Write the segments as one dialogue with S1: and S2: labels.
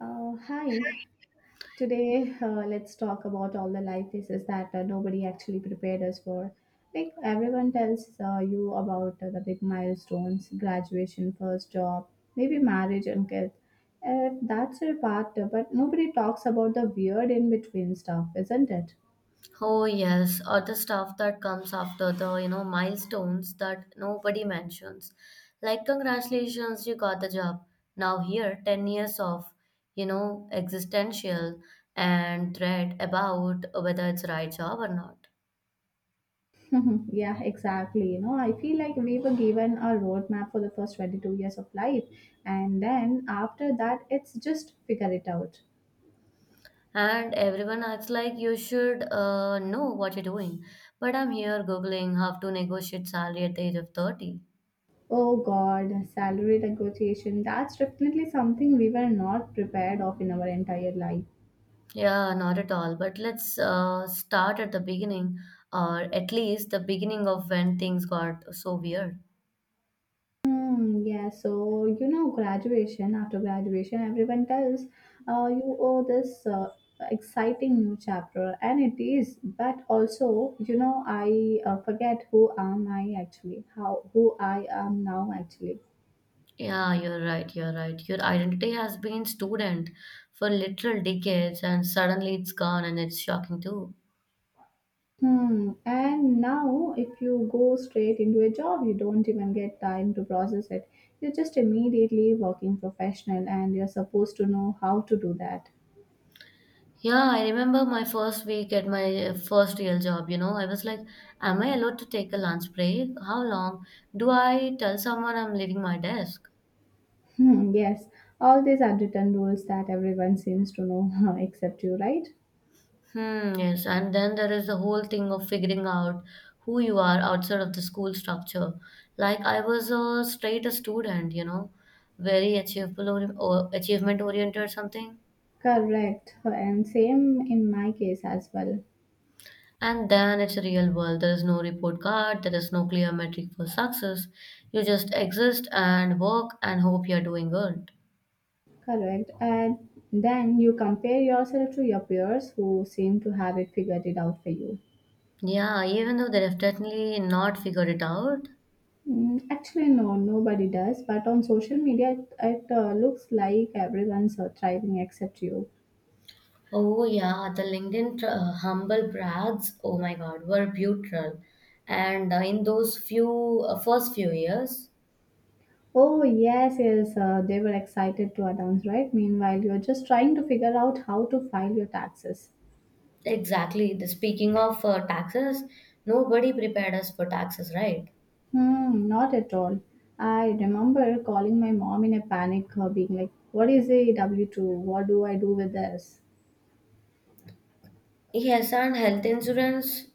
S1: Hi. Today, let's talk about all the life phases that nobody actually prepared us for. Like everyone tells you about the big milestones, graduation, first job, maybe marriage and kids. That's your part, but nobody talks about the weird in between stuff, isn't it?
S2: Oh yes, or the stuff that comes after the milestones that nobody mentions. Like congratulations, you got the job. Now here, 10 years of, existential and dread about whether it's right job or not.
S1: Yeah, exactly. You know, I feel like we were given a roadmap for the first 22 years of life, and then after that, it's just figure it out.
S2: And everyone acts like you should know what you're doing. But I'm here googling how to negotiate salary at the age of 30.
S1: Oh God, salary negotiation. That's definitely something we were not prepared of in our entire life.
S2: Yeah, not at all. But let's start at the beginning, or at least the beginning of when things got so weird.
S1: Hmm, yeah, so you know, graduation, after graduation, everyone tells you owe this exciting new chapter, and it is. But also, you know, I forget who am I actually, how who I am now actually.
S2: Yeah, you're right. You're right. Your identity has been student for literal decades, and suddenly it's gone, and it's shocking too.
S1: Hmm, and now if you go straight into a job, you don't even get time to process it. You're just immediately working professional and you're supposed to know how to do that.
S2: Yeah, I remember my first week at my first real job. You know, I was like, am I allowed to take a lunch break? How long? Do I tell someone I'm leaving my desk?
S1: Hmm, yes, all these unwritten rules that everyone seems to know except you, right?
S2: Yes, and then there is the whole thing of figuring out who you are outside of the school structure. Like I was a straight student, you know, very achievable or achievement oriented or something.
S1: Correct. And same in my case as well.
S2: And then it's a real world. There is no report card, there is no clear metric for success. You just exist and work and hope you're doing good.
S1: Correct. And then you compare yourself to your peers who seem to have it figured it out for you.
S2: Yeah, even though they have definitely not figured it out.
S1: Mm, actually, no, nobody does. But on social media, it looks like everyone's thriving except you.
S2: Oh yeah, the LinkedIn humble brags, oh my God, were brutal. And in those few first few years,
S1: Oh, yes, yes, they were excited to announce, right? Meanwhile, you're just trying to figure out how to file your taxes.
S2: exactly. The speaking of taxes, nobody prepared us for taxes, right?
S1: Hmm, not at all. I remember calling my mom in a panic, being like, what is a W 2? What do I do with this?
S2: Yes, and health insurance,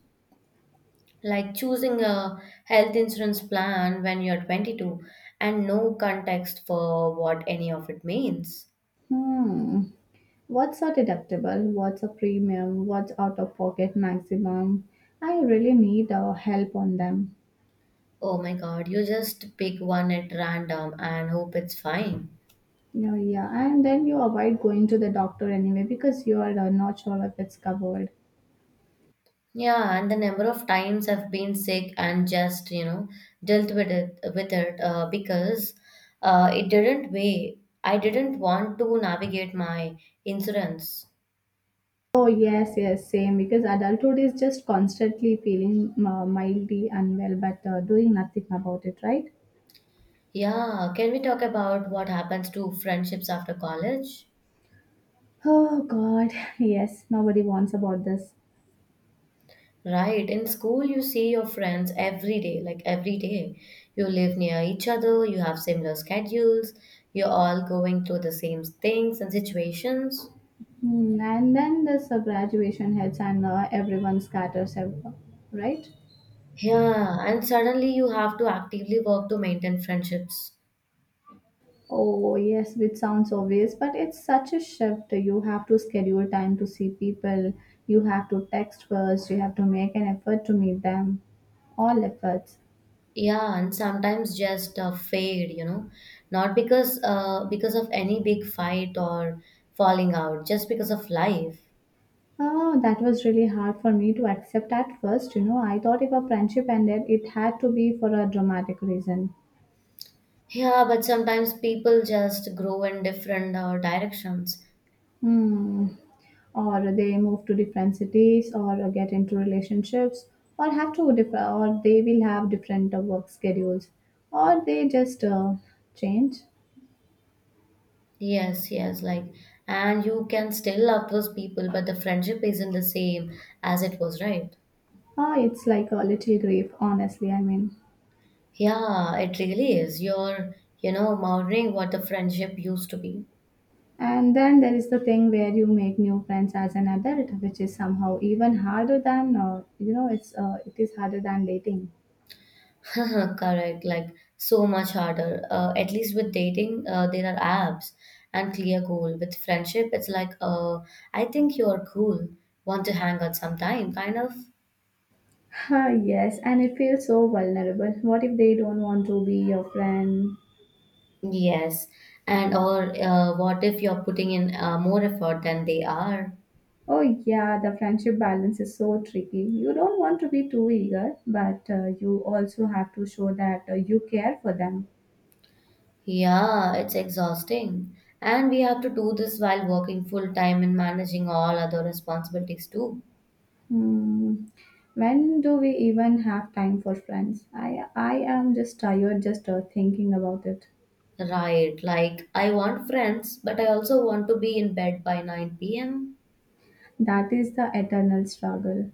S2: like choosing a health insurance plan when you're 22 and no context for what any of it means.
S1: Hmm, what's a deductible? What's a premium? What's out of pocket maximum? I really need help on them.
S2: Oh my God, you just pick one at random and hope it's fine.
S1: Yeah, yeah, and then you avoid going to the doctor anyway because you are not sure if it's covered.
S2: Yeah, and the number of times I've been sick and just, you know, dealt with it because it didn't weigh. I didn't want to navigate my insurance.
S1: Oh yes, yes, same. Because adulthood is just constantly feeling mildly unwell, but doing nothing about it, right?
S2: Yeah, can we talk about what happens to friendships after college?
S1: Oh God, yes. Nobody wants about this.
S2: Right, in school you see your friends every day, like every day. You live near each other, you have similar schedules, you're all going through the same things and situations.
S1: Hmm, and then this graduation hits, and everyone scatters, right?
S2: Yeah, and suddenly you have to actively work to maintain friendships.
S1: Oh, yes, which sounds obvious, but it's such a shift. You have to schedule time to see people. You have to text first. You have to make an effort to meet them. All efforts.
S2: Yeah, and sometimes just fade, you know, not because of any big fight or falling out, just because of life.
S1: Oh, that was really hard for me to accept at first. You know, I thought if a friendship ended, it had to be for a dramatic reason.
S2: Yeah, but sometimes people just grow in different directions.
S1: Hmm. Or they move to different cities, or get into relationships, or have to differ, or they will have different work schedules, or they just change.
S2: Yes, yes, like, and you can still love those people, but the friendship isn't the same as it was, right?
S1: Ah, it's like a little grief, honestly, I mean.
S2: Yeah, it really is. You're, you know, mourning what the friendship used to be.
S1: And then there is the thing where you make new friends as an adult, which is somehow even harder than, it is harder than dating.
S2: Correct, like so much harder. At least with dating, there are apps and clear goal. With friendship, it's like, I think you're cool. Want to hang out sometime, kind of.
S1: Ah, yes, and it feels so vulnerable. What if they don't want to be your friend?
S2: Yes. And or what if you're putting in more effort than they are?
S1: Oh, yeah, the friendship balance is so tricky. You don't want to be too eager, but you also have to show that you care for them.
S2: Yeah, it's exhausting. And we have to do this while working full time and managing all other responsibilities too.
S1: Hmm. When do we even have time for friends? I am just tired just thinking about it.
S2: Right, like I want friends, but I also want to be in bed by 9 p.m.
S1: That is the eternal struggle.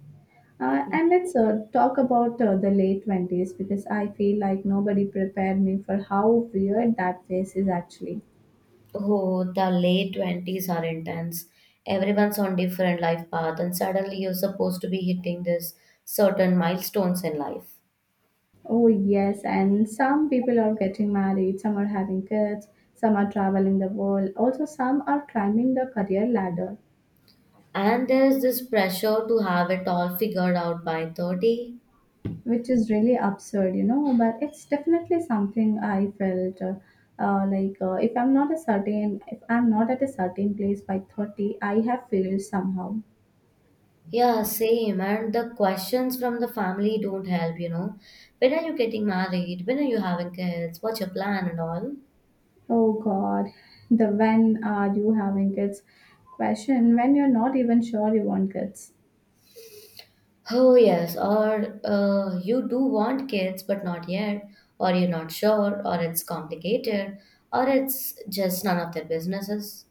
S1: And let's talk about the late 20s because I feel like nobody prepared me for how weird that phase is actually.
S2: Oh, the late 20s are intense. Everyone's on different life path, and suddenly you're supposed to be hitting this certain milestones in life.
S1: Oh, yes, and some people are getting married, some are having kids, some are traveling the world, also, some are climbing the career ladder.
S2: And there is this pressure to have it all figured out by 30.
S1: Which is really absurd, you know. But it's definitely something I felt like if I'm not a certain, if I'm not at a certain place by 30, I have failed somehow.
S2: Yeah, same. And the questions from the family don't help, you know. When are you getting married? When are you having kids? What's your plan and all?
S1: Oh God, the when are you having kids question when you're not even sure you want kids.
S2: Oh, yes, or you do want kids, but not yet, or you're not sure, or it's complicated, or it's just none of their businesses.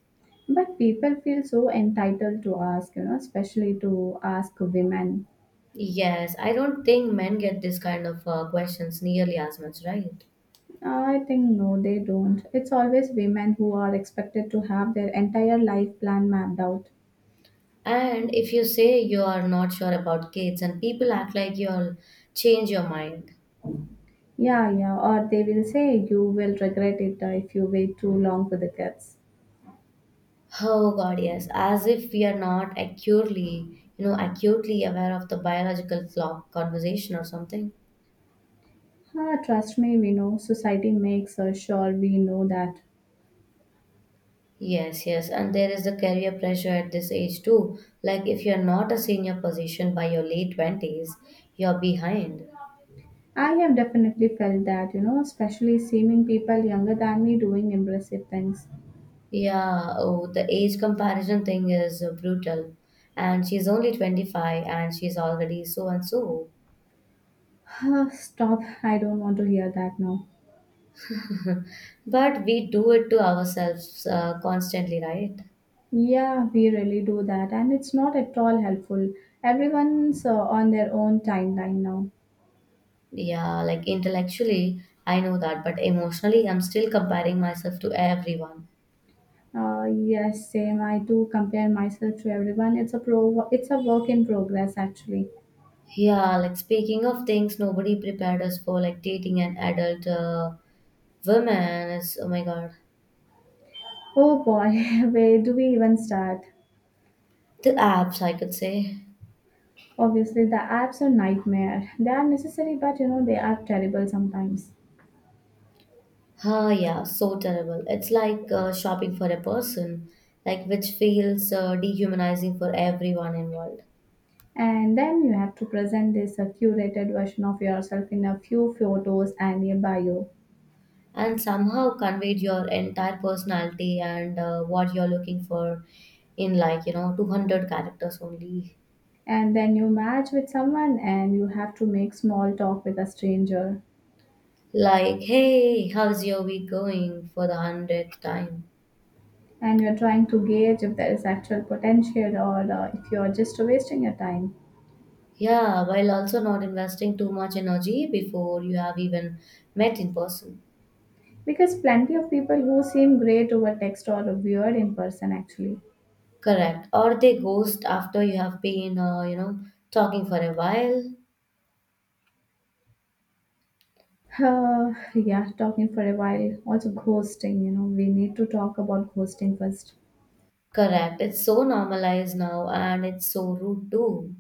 S1: But people feel so entitled to ask, you know, especially to ask women.
S2: Yes, I don't think men get this kind of questions nearly as much, right?
S1: I think no, they don't. It's always women who are expected to have their entire life plan mapped out.
S2: And if you say you are not sure about kids, and people act like you'll change your mind.
S1: Yeah, yeah. Or they will say you will regret it if you wait too long for the kids.
S2: Oh God, yes, as if we are not acutely, you know, acutely aware of the biological clock conversation or something.
S1: Ah, trust me, we know society makes sure we know that.
S2: Yes, yes, and there is the career pressure at this age too. Like if you're not a senior position by your late 20s, you're behind.
S1: I have definitely felt that, you know, especially seeing people younger than me doing impressive things.
S2: Yeah, oh, the age comparison thing is brutal. And she's only 25 and she's already so and so.
S1: Ah, stop, I don't want to hear that now.
S2: But we do it to ourselves constantly, right?
S1: Yeah, we really do that, and it's not at all helpful. Everyone's on their own timeline now.
S2: Yeah, like intellectually, I know that, but emotionally, I'm still comparing myself to everyone.
S1: Yes, same. I do compare myself to everyone. It's a pro. It's a work in progress, actually.
S2: Yeah, like speaking of things nobody prepared us for, like dating an adult woman is, oh my God.
S1: Oh boy, where do we even start?
S2: The apps, I could say.
S1: Obviously, the apps are nightmare. They are necessary, but you know they are terrible sometimes.
S2: Ah, yeah, so terrible. It's like shopping for a person, like which feels dehumanizing for everyone involved.
S1: And then you have to present this curated version of yourself in a few photos and a bio.
S2: And somehow conveyed your entire personality and what you're looking for in like, you know, 200 characters only.
S1: And then you match with someone, and you have to make small talk with a stranger.
S2: Like, hey, how's your week going for the 100th time?
S1: And you're trying to gauge if there is actual potential or if you're just wasting your time.
S2: Yeah, while also not investing too much energy before you have even met in person.
S1: Because plenty of people who seem great over text or weird in person actually.
S2: Correct. Or they ghost after you have been, you know, talking for a while.
S1: Yeah, talking for a while. Also, ghosting, you know, we need to talk about ghosting first.
S2: Correct. It's so normalized now and it's so rude too.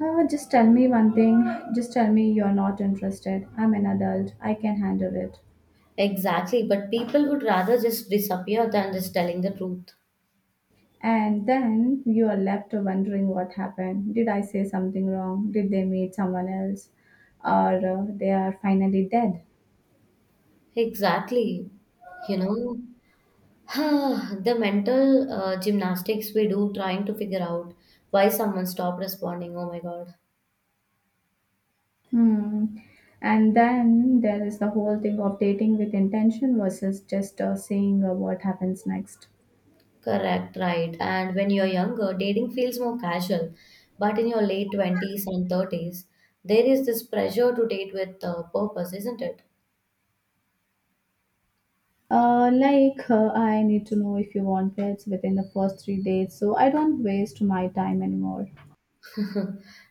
S1: Just tell me one thing. Just tell me you're not interested. I'm an adult. I can handle it.
S2: Exactly. But people would rather just disappear than just telling the truth.
S1: And then you are left wondering what happened. Did I say something wrong? Did they meet someone else? Or they are finally dead?
S2: Exactly. You know, the mental gymnastics we do trying to figure out why someone stopped responding. Oh my God.
S1: Hmm. And then there is the whole thing of dating with intention versus just seeing what happens next.
S2: Correct, right. And when you're younger, dating feels more casual. But in your late 20s and 30s, there is this pressure to date with purpose, isn't it?
S1: I need to know if you want pets within the first three dates, so I don't waste my time anymore.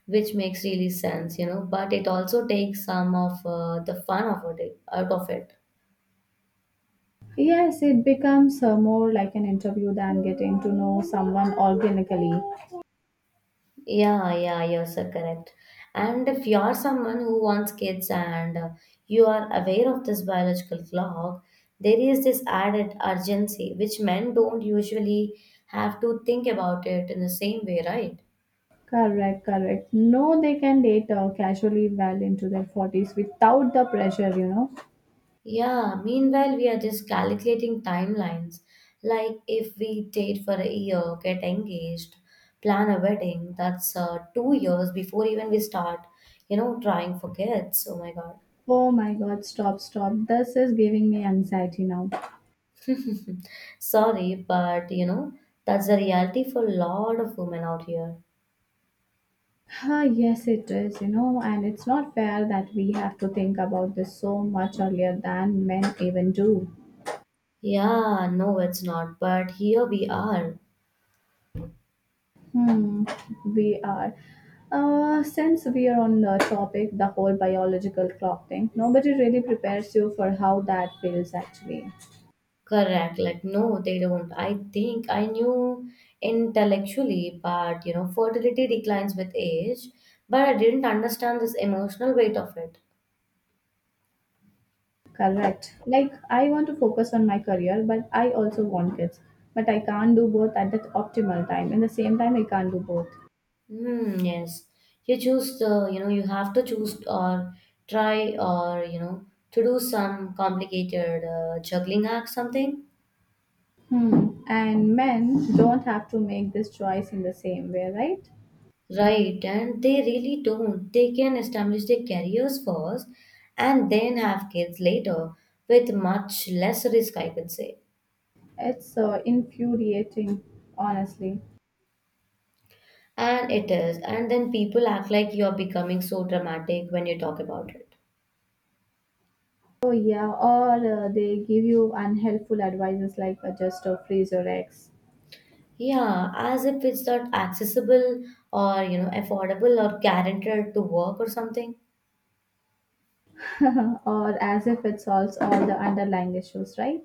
S2: Which makes really sense, you know, but it also takes some of the fun of it, out of it.
S1: Yes, it becomes more like an interview than getting to know someone organically.
S2: Yeah, yeah, you're so correct. And if you're someone who wants kids and you are aware of this biological clock, there is this added urgency which men don't usually have to think about it in the same way, right?
S1: Correct, correct. No, they can date casually well into their 40s without the pressure, you know.
S2: Yeah, meanwhile, we are just calculating timelines. Like if we date for a year, get engaged, plan a wedding, that's 2 years before even we start, you know, trying for kids. Oh my God.
S1: Oh my god, stop, stop. This is giving me anxiety now.
S2: Sorry, but you know, that's the reality for a lot of women out here.
S1: Ah, yes, it is, you know, and it's not fair that we have to think about this so much earlier than men even do.
S2: Yeah, no, it's not, but here we are.
S1: Hmm, we are. Since we are on the topic, the whole biological clock thing, nobody really prepares you for how that feels actually.
S2: Correct. Like, no, they don't. I think I knew intellectually, but you know, fertility declines with age, but I didn't understand this emotional weight of it.
S1: Correct. Like, I want to focus on my career, but I also want kids. But I can't do both at the optimal time. In the same time, I can't do both.
S2: Hmm, yes. You choose the, you know, you have to choose or try or, you know, to do some complicated juggling act, something.
S1: Hmm. And men don't have to make this choice in the same way, right?
S2: Right, and they really don't. They can establish their careers first and then have kids later with much less risk, I could say.
S1: It's infuriating, honestly.
S2: And it is. And then people act like you're becoming so dramatic when you talk about it.
S1: Oh, yeah, or they give you unhelpful advices like just freeze your eggs,
S2: Yeah, as if it's not accessible or, you know, affordable or guaranteed to work or something.
S1: or as if it solves all the underlying issues, right?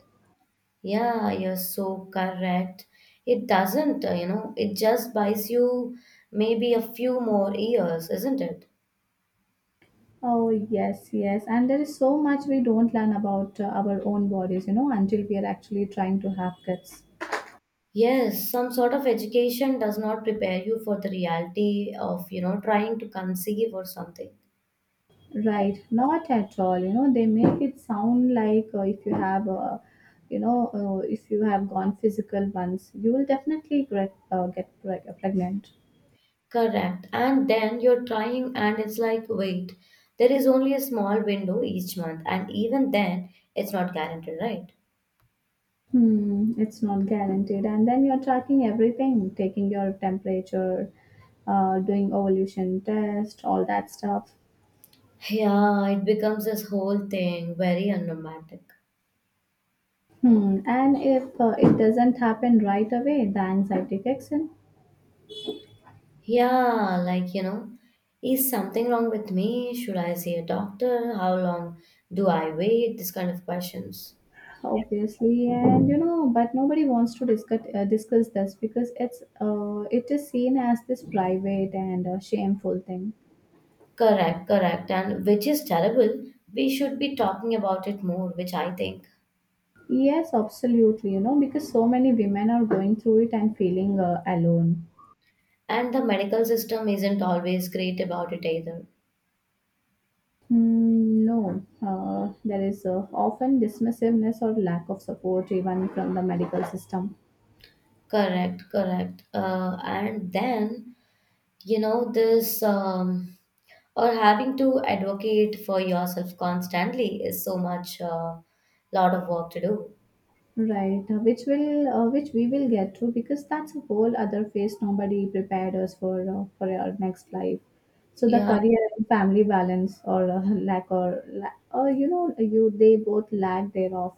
S2: Yeah, you're so correct. It doesn't, you know, it just buys you maybe a few more years, isn't it?
S1: Oh, yes, yes. And there is so much we don't learn about our own bodies, you know, until we are actually trying to have kids.
S2: Yes, some sort of education does not prepare you for the reality of, you know, trying to conceive or something.
S1: Right, not at all. You know, they make it sound like if you have a, you know, if you have gone physical once, you will definitely get pregnant.
S2: Correct. And then you're trying, and it's like, wait, there is only a small window each month, and even then, it's not guaranteed, right?
S1: Hmm, it's not guaranteed. And then you're tracking everything, taking your temperature, doing ovulation test, all that stuff.
S2: Yeah, it becomes this whole thing very unromantic.
S1: Hmm. And if it doesn't happen right away, the anxiety kicks in,
S2: Yeah, like, you know, is something wrong with me? Should I see a doctor? How long do I wait? This kind of questions.
S1: obviously. And you know, but nobody wants to discuss this because it's it is seen as this private and shameful thing.
S2: Correct, correct. And which is terrible. We should be talking about it more, which I think.
S1: Yes, absolutely. You know, because so many women are going through it and feeling alone.
S2: And the medical system isn't always great about it either.
S1: Mm, no, there is often dismissiveness or lack of support even from the medical system.
S2: Correct, correct. And then, you know, this or having to advocate for yourself constantly is so much, lot of work to do.
S1: Right, which we will get through because that's a whole other phase nobody prepared us for our next life. So the
S2: Yeah,
S1: career and family balance or lack or or you know you they both lack thereof.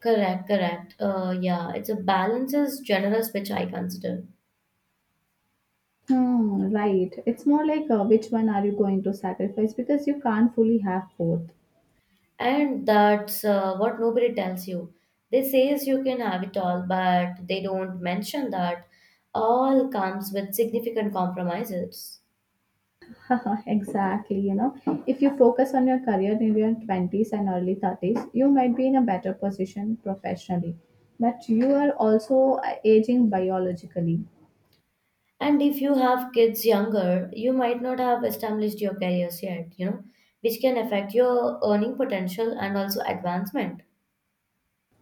S2: correct, correct. Yeah, it's a balance is generous, which I consider.
S1: Hmm, right, it's more like which one are you going to sacrifice because you can't fully have both.
S2: And that's what nobody tells you. They says you can have it all but they don't mention that all comes with significant compromises.
S1: Exactly, you know. If you focus on your career in your 20s and early 30s, you might be in a better position professionally, but you are also aging biologically.
S2: And if you have kids younger you might not have established your careers yet, you know, which can affect your earning potential and also advancement.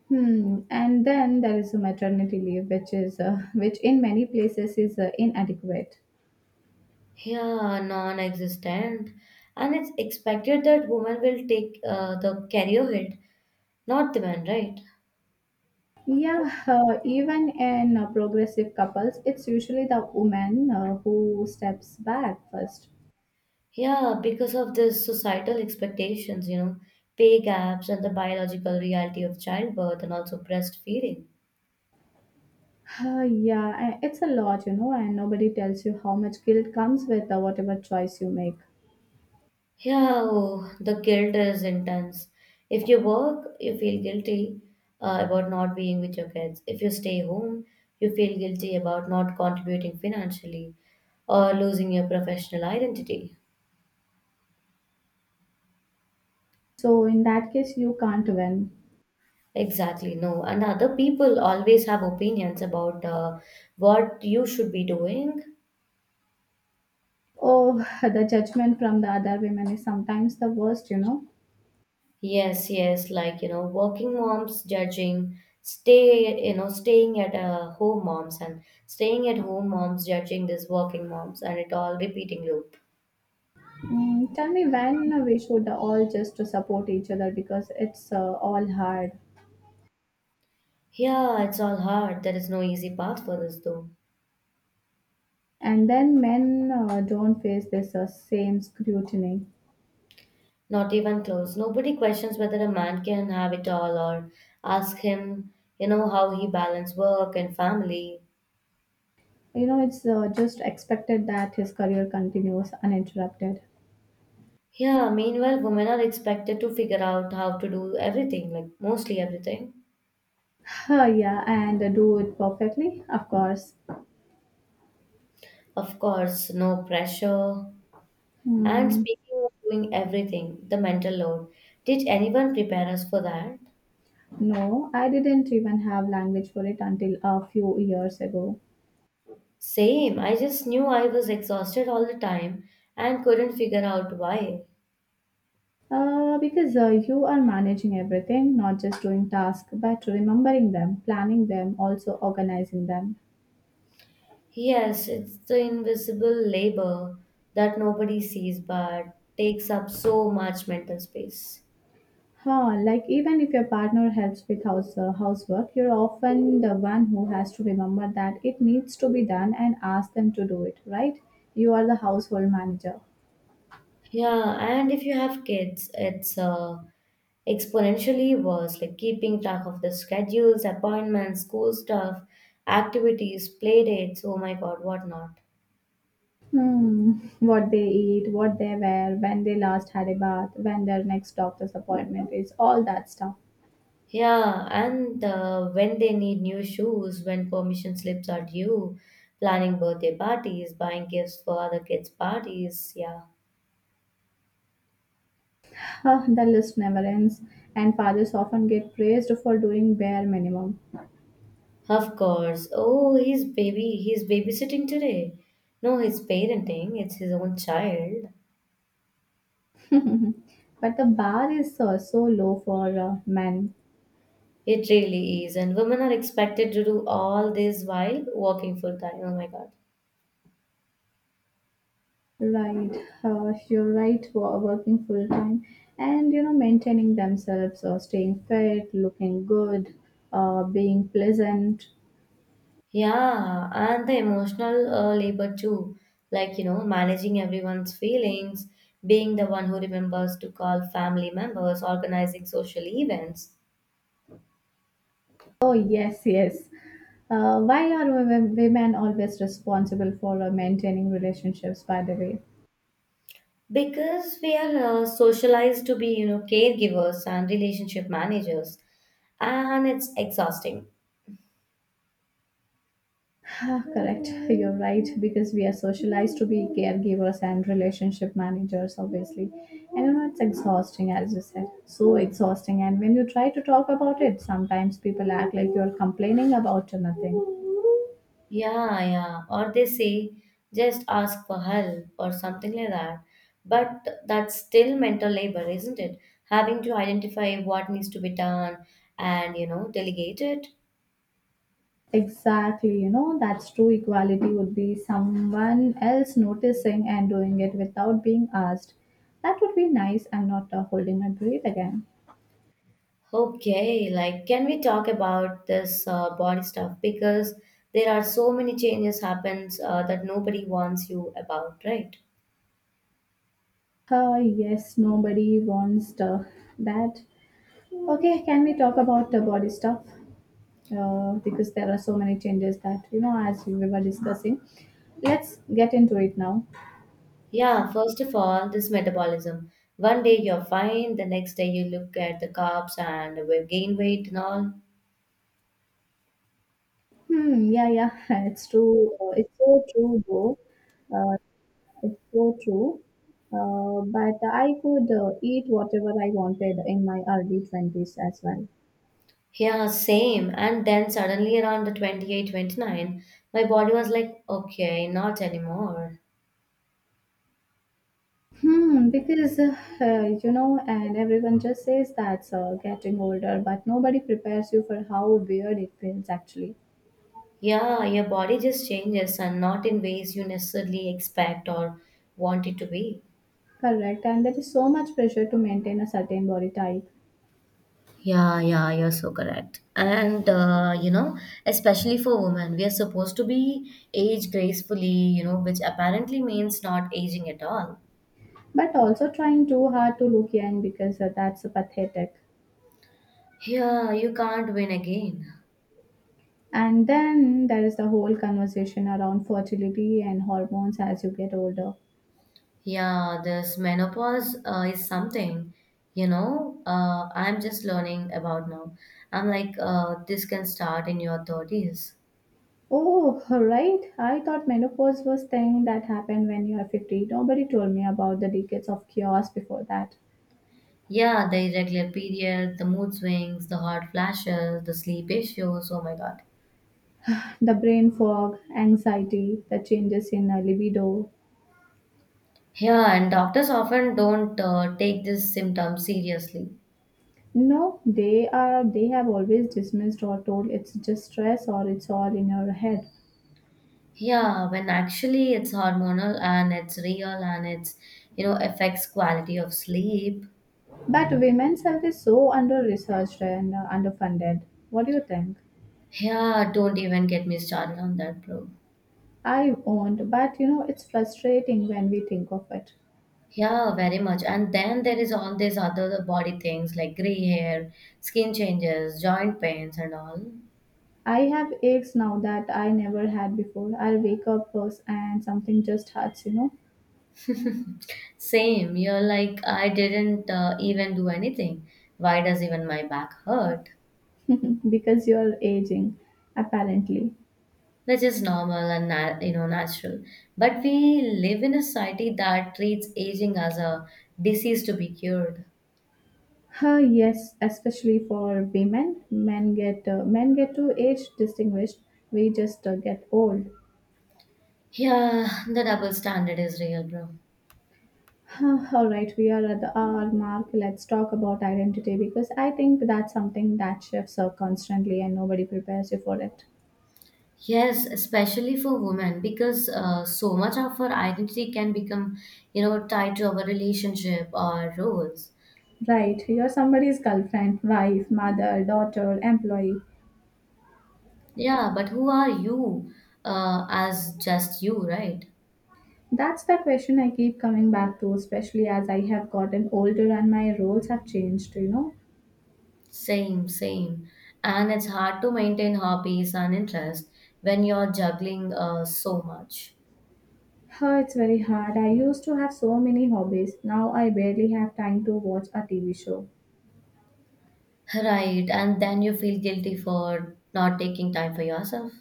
S1: Hmm. And then there is a maternity leave, which is which in many places is inadequate.
S2: Yeah, non-existent, and it's expected that women will take the career hit, not the men, right?
S1: Yeah, even in progressive couples, it's usually the woman who steps back first.
S2: Yeah, because of the societal expectations, you know, pay gaps and the biological reality of childbirth and also breastfeeding.
S1: Yeah, it's a lot, you know, and nobody tells you how much guilt comes with whatever choice you make.
S2: Yeah, oh, the guilt is intense. If you work, you feel guilty about not being with your kids. If you stay home, you feel guilty about not contributing financially or losing your professional identity.
S1: So, in that case, you can't win.
S2: Exactly, no. And other people always have opinions about what you should be doing.
S1: Oh, the judgment from the other women is sometimes the worst, you know.
S2: Yes, yes, like you know, working moms judging, staying at a home moms and staying at home moms judging these working moms and it all repeating loop.
S1: Mm, tell me when we should all just to support each other because it's all hard.
S2: Yeah, it's all hard. There is no easy path for this though.
S1: And then men don't face this same scrutiny.
S2: Not even close. Nobody questions whether a man can have it all or ask him, you know, how he balance work and family.
S1: You know, it's just expected that his career continues uninterrupted.
S2: Yeah, meanwhile, women are expected to figure out how to do everything, like mostly everything.
S1: Yeah, and do it perfectly, of course.
S2: Of course, no pressure. And
S1: Mm,
S2: speaking of doing everything, the mental load, did anyone prepare us for that?
S1: no, I didn't even have language for it until a few years ago.
S2: Same, I just knew I was exhausted all the time and couldn't figure out why.
S1: Because you are managing everything, not just doing tasks, but remembering them, planning them, also organizing them.
S2: Yes, it's the invisible labor that nobody sees but takes up so much mental space.
S1: Huh, like even if your partner helps with housework, you're often the one who has to remember that it needs to be done and ask them to do it, right? You are the household manager.
S2: Yeah, and if you have kids, it's exponentially worse, like keeping track of the schedules, appointments, school stuff, activities, play dates, oh my god, what not.
S1: Hmm, what they eat, what they wear, when they last had a bath, when their next doctor's appointment is, all that stuff.
S2: Yeah, and when they need new shoes, when permission slips are due, planning birthday parties, buying gifts for other kids' parties, yeah.
S1: Ah, the list never ends, and fathers often get praised for doing bare minimum.
S2: Of course. Oh, he's baby, he's babysitting today. No, he's parenting, it's his own child.
S1: But the bar is so low for men.
S2: It really is. And women are expected to do all this while working full time. Oh my god.
S1: Right, you're right, working full time and you know, maintaining themselves, staying fit, looking good, being pleasant.
S2: Yeah, and the emotional labor too. Like, you know, managing everyone's feelings, being the one who remembers to call family members, organizing social events.
S1: Oh, yes, yes. Why are women always responsible for maintaining relationships, by the way?
S2: Because we are socialized to be, you know, caregivers and relationship managers, and it's exhausting.
S1: Ah, correct, you're right, because we are socialized to be caregivers and relationship managers, obviously. And you know, it's exhausting, as you said, so exhausting. And when you try to talk about it, sometimes people act like you're complaining about nothing.
S2: Yeah, yeah. Or they say, just ask for help or something like that. But that's still mental labor, isn't it? Having to identify what needs to be done and, you know, delegate it.
S1: Exactly, you know, that's true. Equality would be someone else noticing and doing it without being asked. That would be nice. I'm not holding my breath again.
S2: Okay, like, can we talk about this body stuff? Because there are so many changes happens that nobody warns you about, right?
S1: Ah, yes, nobody wants that. Okay, can we talk about the body stuff? Because there are so many changes that, you know, as we were discussing. Let's get into it now.
S2: Yeah, first of all, this metabolism. One day you're fine, the next day you look at the carbs and we gain weight and all.
S1: Hmm, yeah, yeah, it's true. It's so true, though. Uh, it's so true. But I could eat whatever I wanted in my early 20s as well.
S2: Yeah, same. And then suddenly around the 28, 29, my body was like, okay, not anymore.
S1: Hmm, because you know, and everyone just says that's getting older, but nobody prepares you for how weird it feels actually.
S2: Yeah, your body just changes and not in ways you necessarily expect or want it to be.
S1: Correct, and there is so much pressure to maintain a certain body type,
S2: Yeah, yeah, you're so correct. And, you know, especially for women, we are supposed to be age gracefully, you know, which apparently means not aging at all.
S1: but also trying too hard to look young because that's pathetic.
S2: Yeah, you can't win again.
S1: And then there is the whole conversation around fertility and hormones as you get older.
S2: Yeah, this menopause is something, you know, I'm just learning about now. I'm like, this can start in your 30s.
S1: Oh, right. I thought menopause was thing that happened when you are 50. Nobody told me about the decades of chaos before that.
S2: Yeah, the irregular period, the mood swings, the hot flashes, the sleep issues. Oh my God.
S1: The brain fog, anxiety, the changes in libido.
S2: Yeah, and doctors often don't take this symptom seriously.
S1: No, they have always dismissed or told it's just stress or it's all in your head.
S2: Yeah, when actually it's hormonal and it's real and it's, you know, affects quality of sleep.
S1: But women's health is so under researched and underfunded. What do you think?
S2: Yeah, don't even get me started on that, bro.
S1: I won't, but you know it's frustrating when we think of it.
S2: Yeah, very much. And then there is all these other body things like gray hair, skin changes, joint pains, and all.
S1: I have aches now that I never had before. I wake up first and something just hurts, you
S2: Same. You're like, I didn't even do anything. Why does even my back hurt?
S1: know, because you're aging, apparently.
S2: Which is normal and you know natural. But we live in a society that treats aging as a disease to be cured.
S1: Huh, yes, especially for women. Men get men get to age distinguished. We just get old.
S2: Yeah, the double standard is real, bro.
S1: Huh, all right, we are at the hour mark. Let's talk about identity because I think that's something that shifts constantly and nobody prepares you for it.
S2: Yes, especially for women, because so much of our identity can become, you know, tied to our relationship, or roles.
S1: Right, you're somebody's girlfriend, wife, mother, daughter, employee.
S2: Yeah, but who are you as just you, right?
S1: That's the question I keep coming back to, especially as I have gotten older and my roles have changed, you know.
S2: Same, same. And it's hard to maintain hobbies and interests when you're juggling so much.
S1: Huh, it's very hard. I used to have so many hobbies. Now I barely have time to watch a TV show.
S2: Right, and then you feel guilty for not taking time for yourself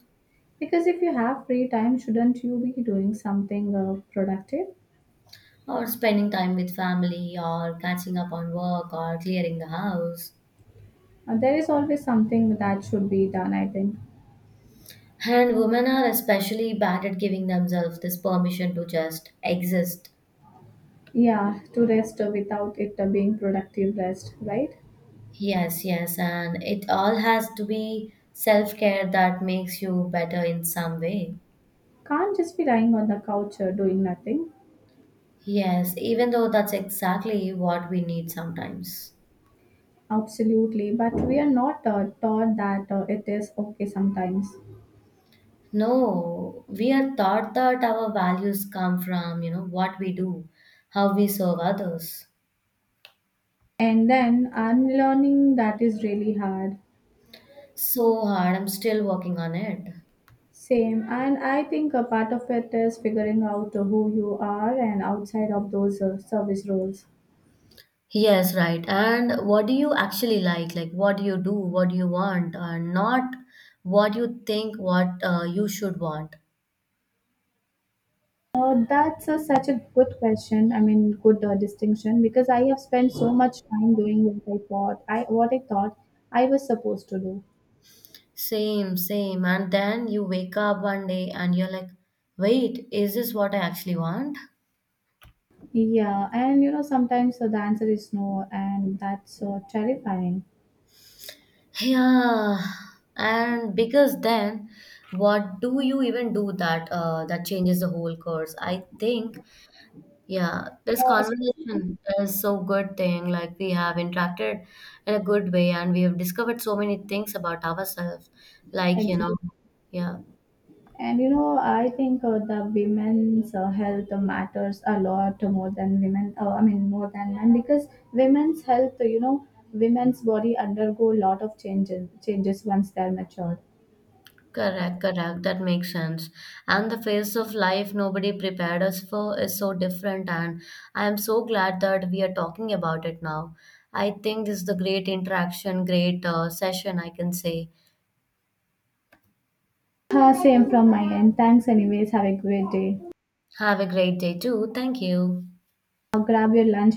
S1: Because if you have free time, shouldn't you be doing something productive?
S2: or spending time with family or catching up on work or clearing the house.
S1: There is always something that should be done, I think.
S2: And women are especially bad at giving themselves this permission to just exist.
S1: Yeah, to rest without it being productive rest, right?
S2: Yes, yes, and it all has to be self care that makes you better in some way.
S1: Can't just be lying on the couch doing nothing.
S2: Yes, even though that's exactly what we need sometimes.
S1: Absolutely, but we are not taught that it is okay sometimes.
S2: No, we are taught that our values come from, you know, what we do, how we serve others.
S1: And then unlearning that is really hard.
S2: So hard, I'm still working on it.
S1: Same, and I think a part of it is figuring out who you are and outside of those service roles.
S2: Yes, right. And what do you actually like? Like, what do you do? What do you want? Not what you think what you should want.
S1: That's such a good question. I mean, good distinction because I have spent so much time doing what I thought I what I thought I was supposed to do.
S2: Same, same. And then you wake up one day and you're like, wait, is this what I actually want?
S1: Yeah, and you know sometimes the answer is no, and that's terrifying.
S2: Yeah. And because then, what do you even do that that changes the whole course? I think yeah, this
S1: Uh, especially,
S2: conversation is so good thing. Like we have interacted in a good way and we have discovered so many things about ourselves. Like, you
S1: exactly.
S2: know, yeah,
S1: And you know, I think the women's health matters a lot more than women. I mean, more than men because women's health, you know, women's body undergo a lot of changes once they're matured.
S2: correct, correct. That makes sense. And the phase of life nobody prepared us for is so different. And I am so glad that we are talking about it now. I think this is the great interaction, great session, I can say.
S1: Same from my end. Thanks, anyways. Have a great day.
S2: Have a great day too. Thank you.
S1: Grab your lunch.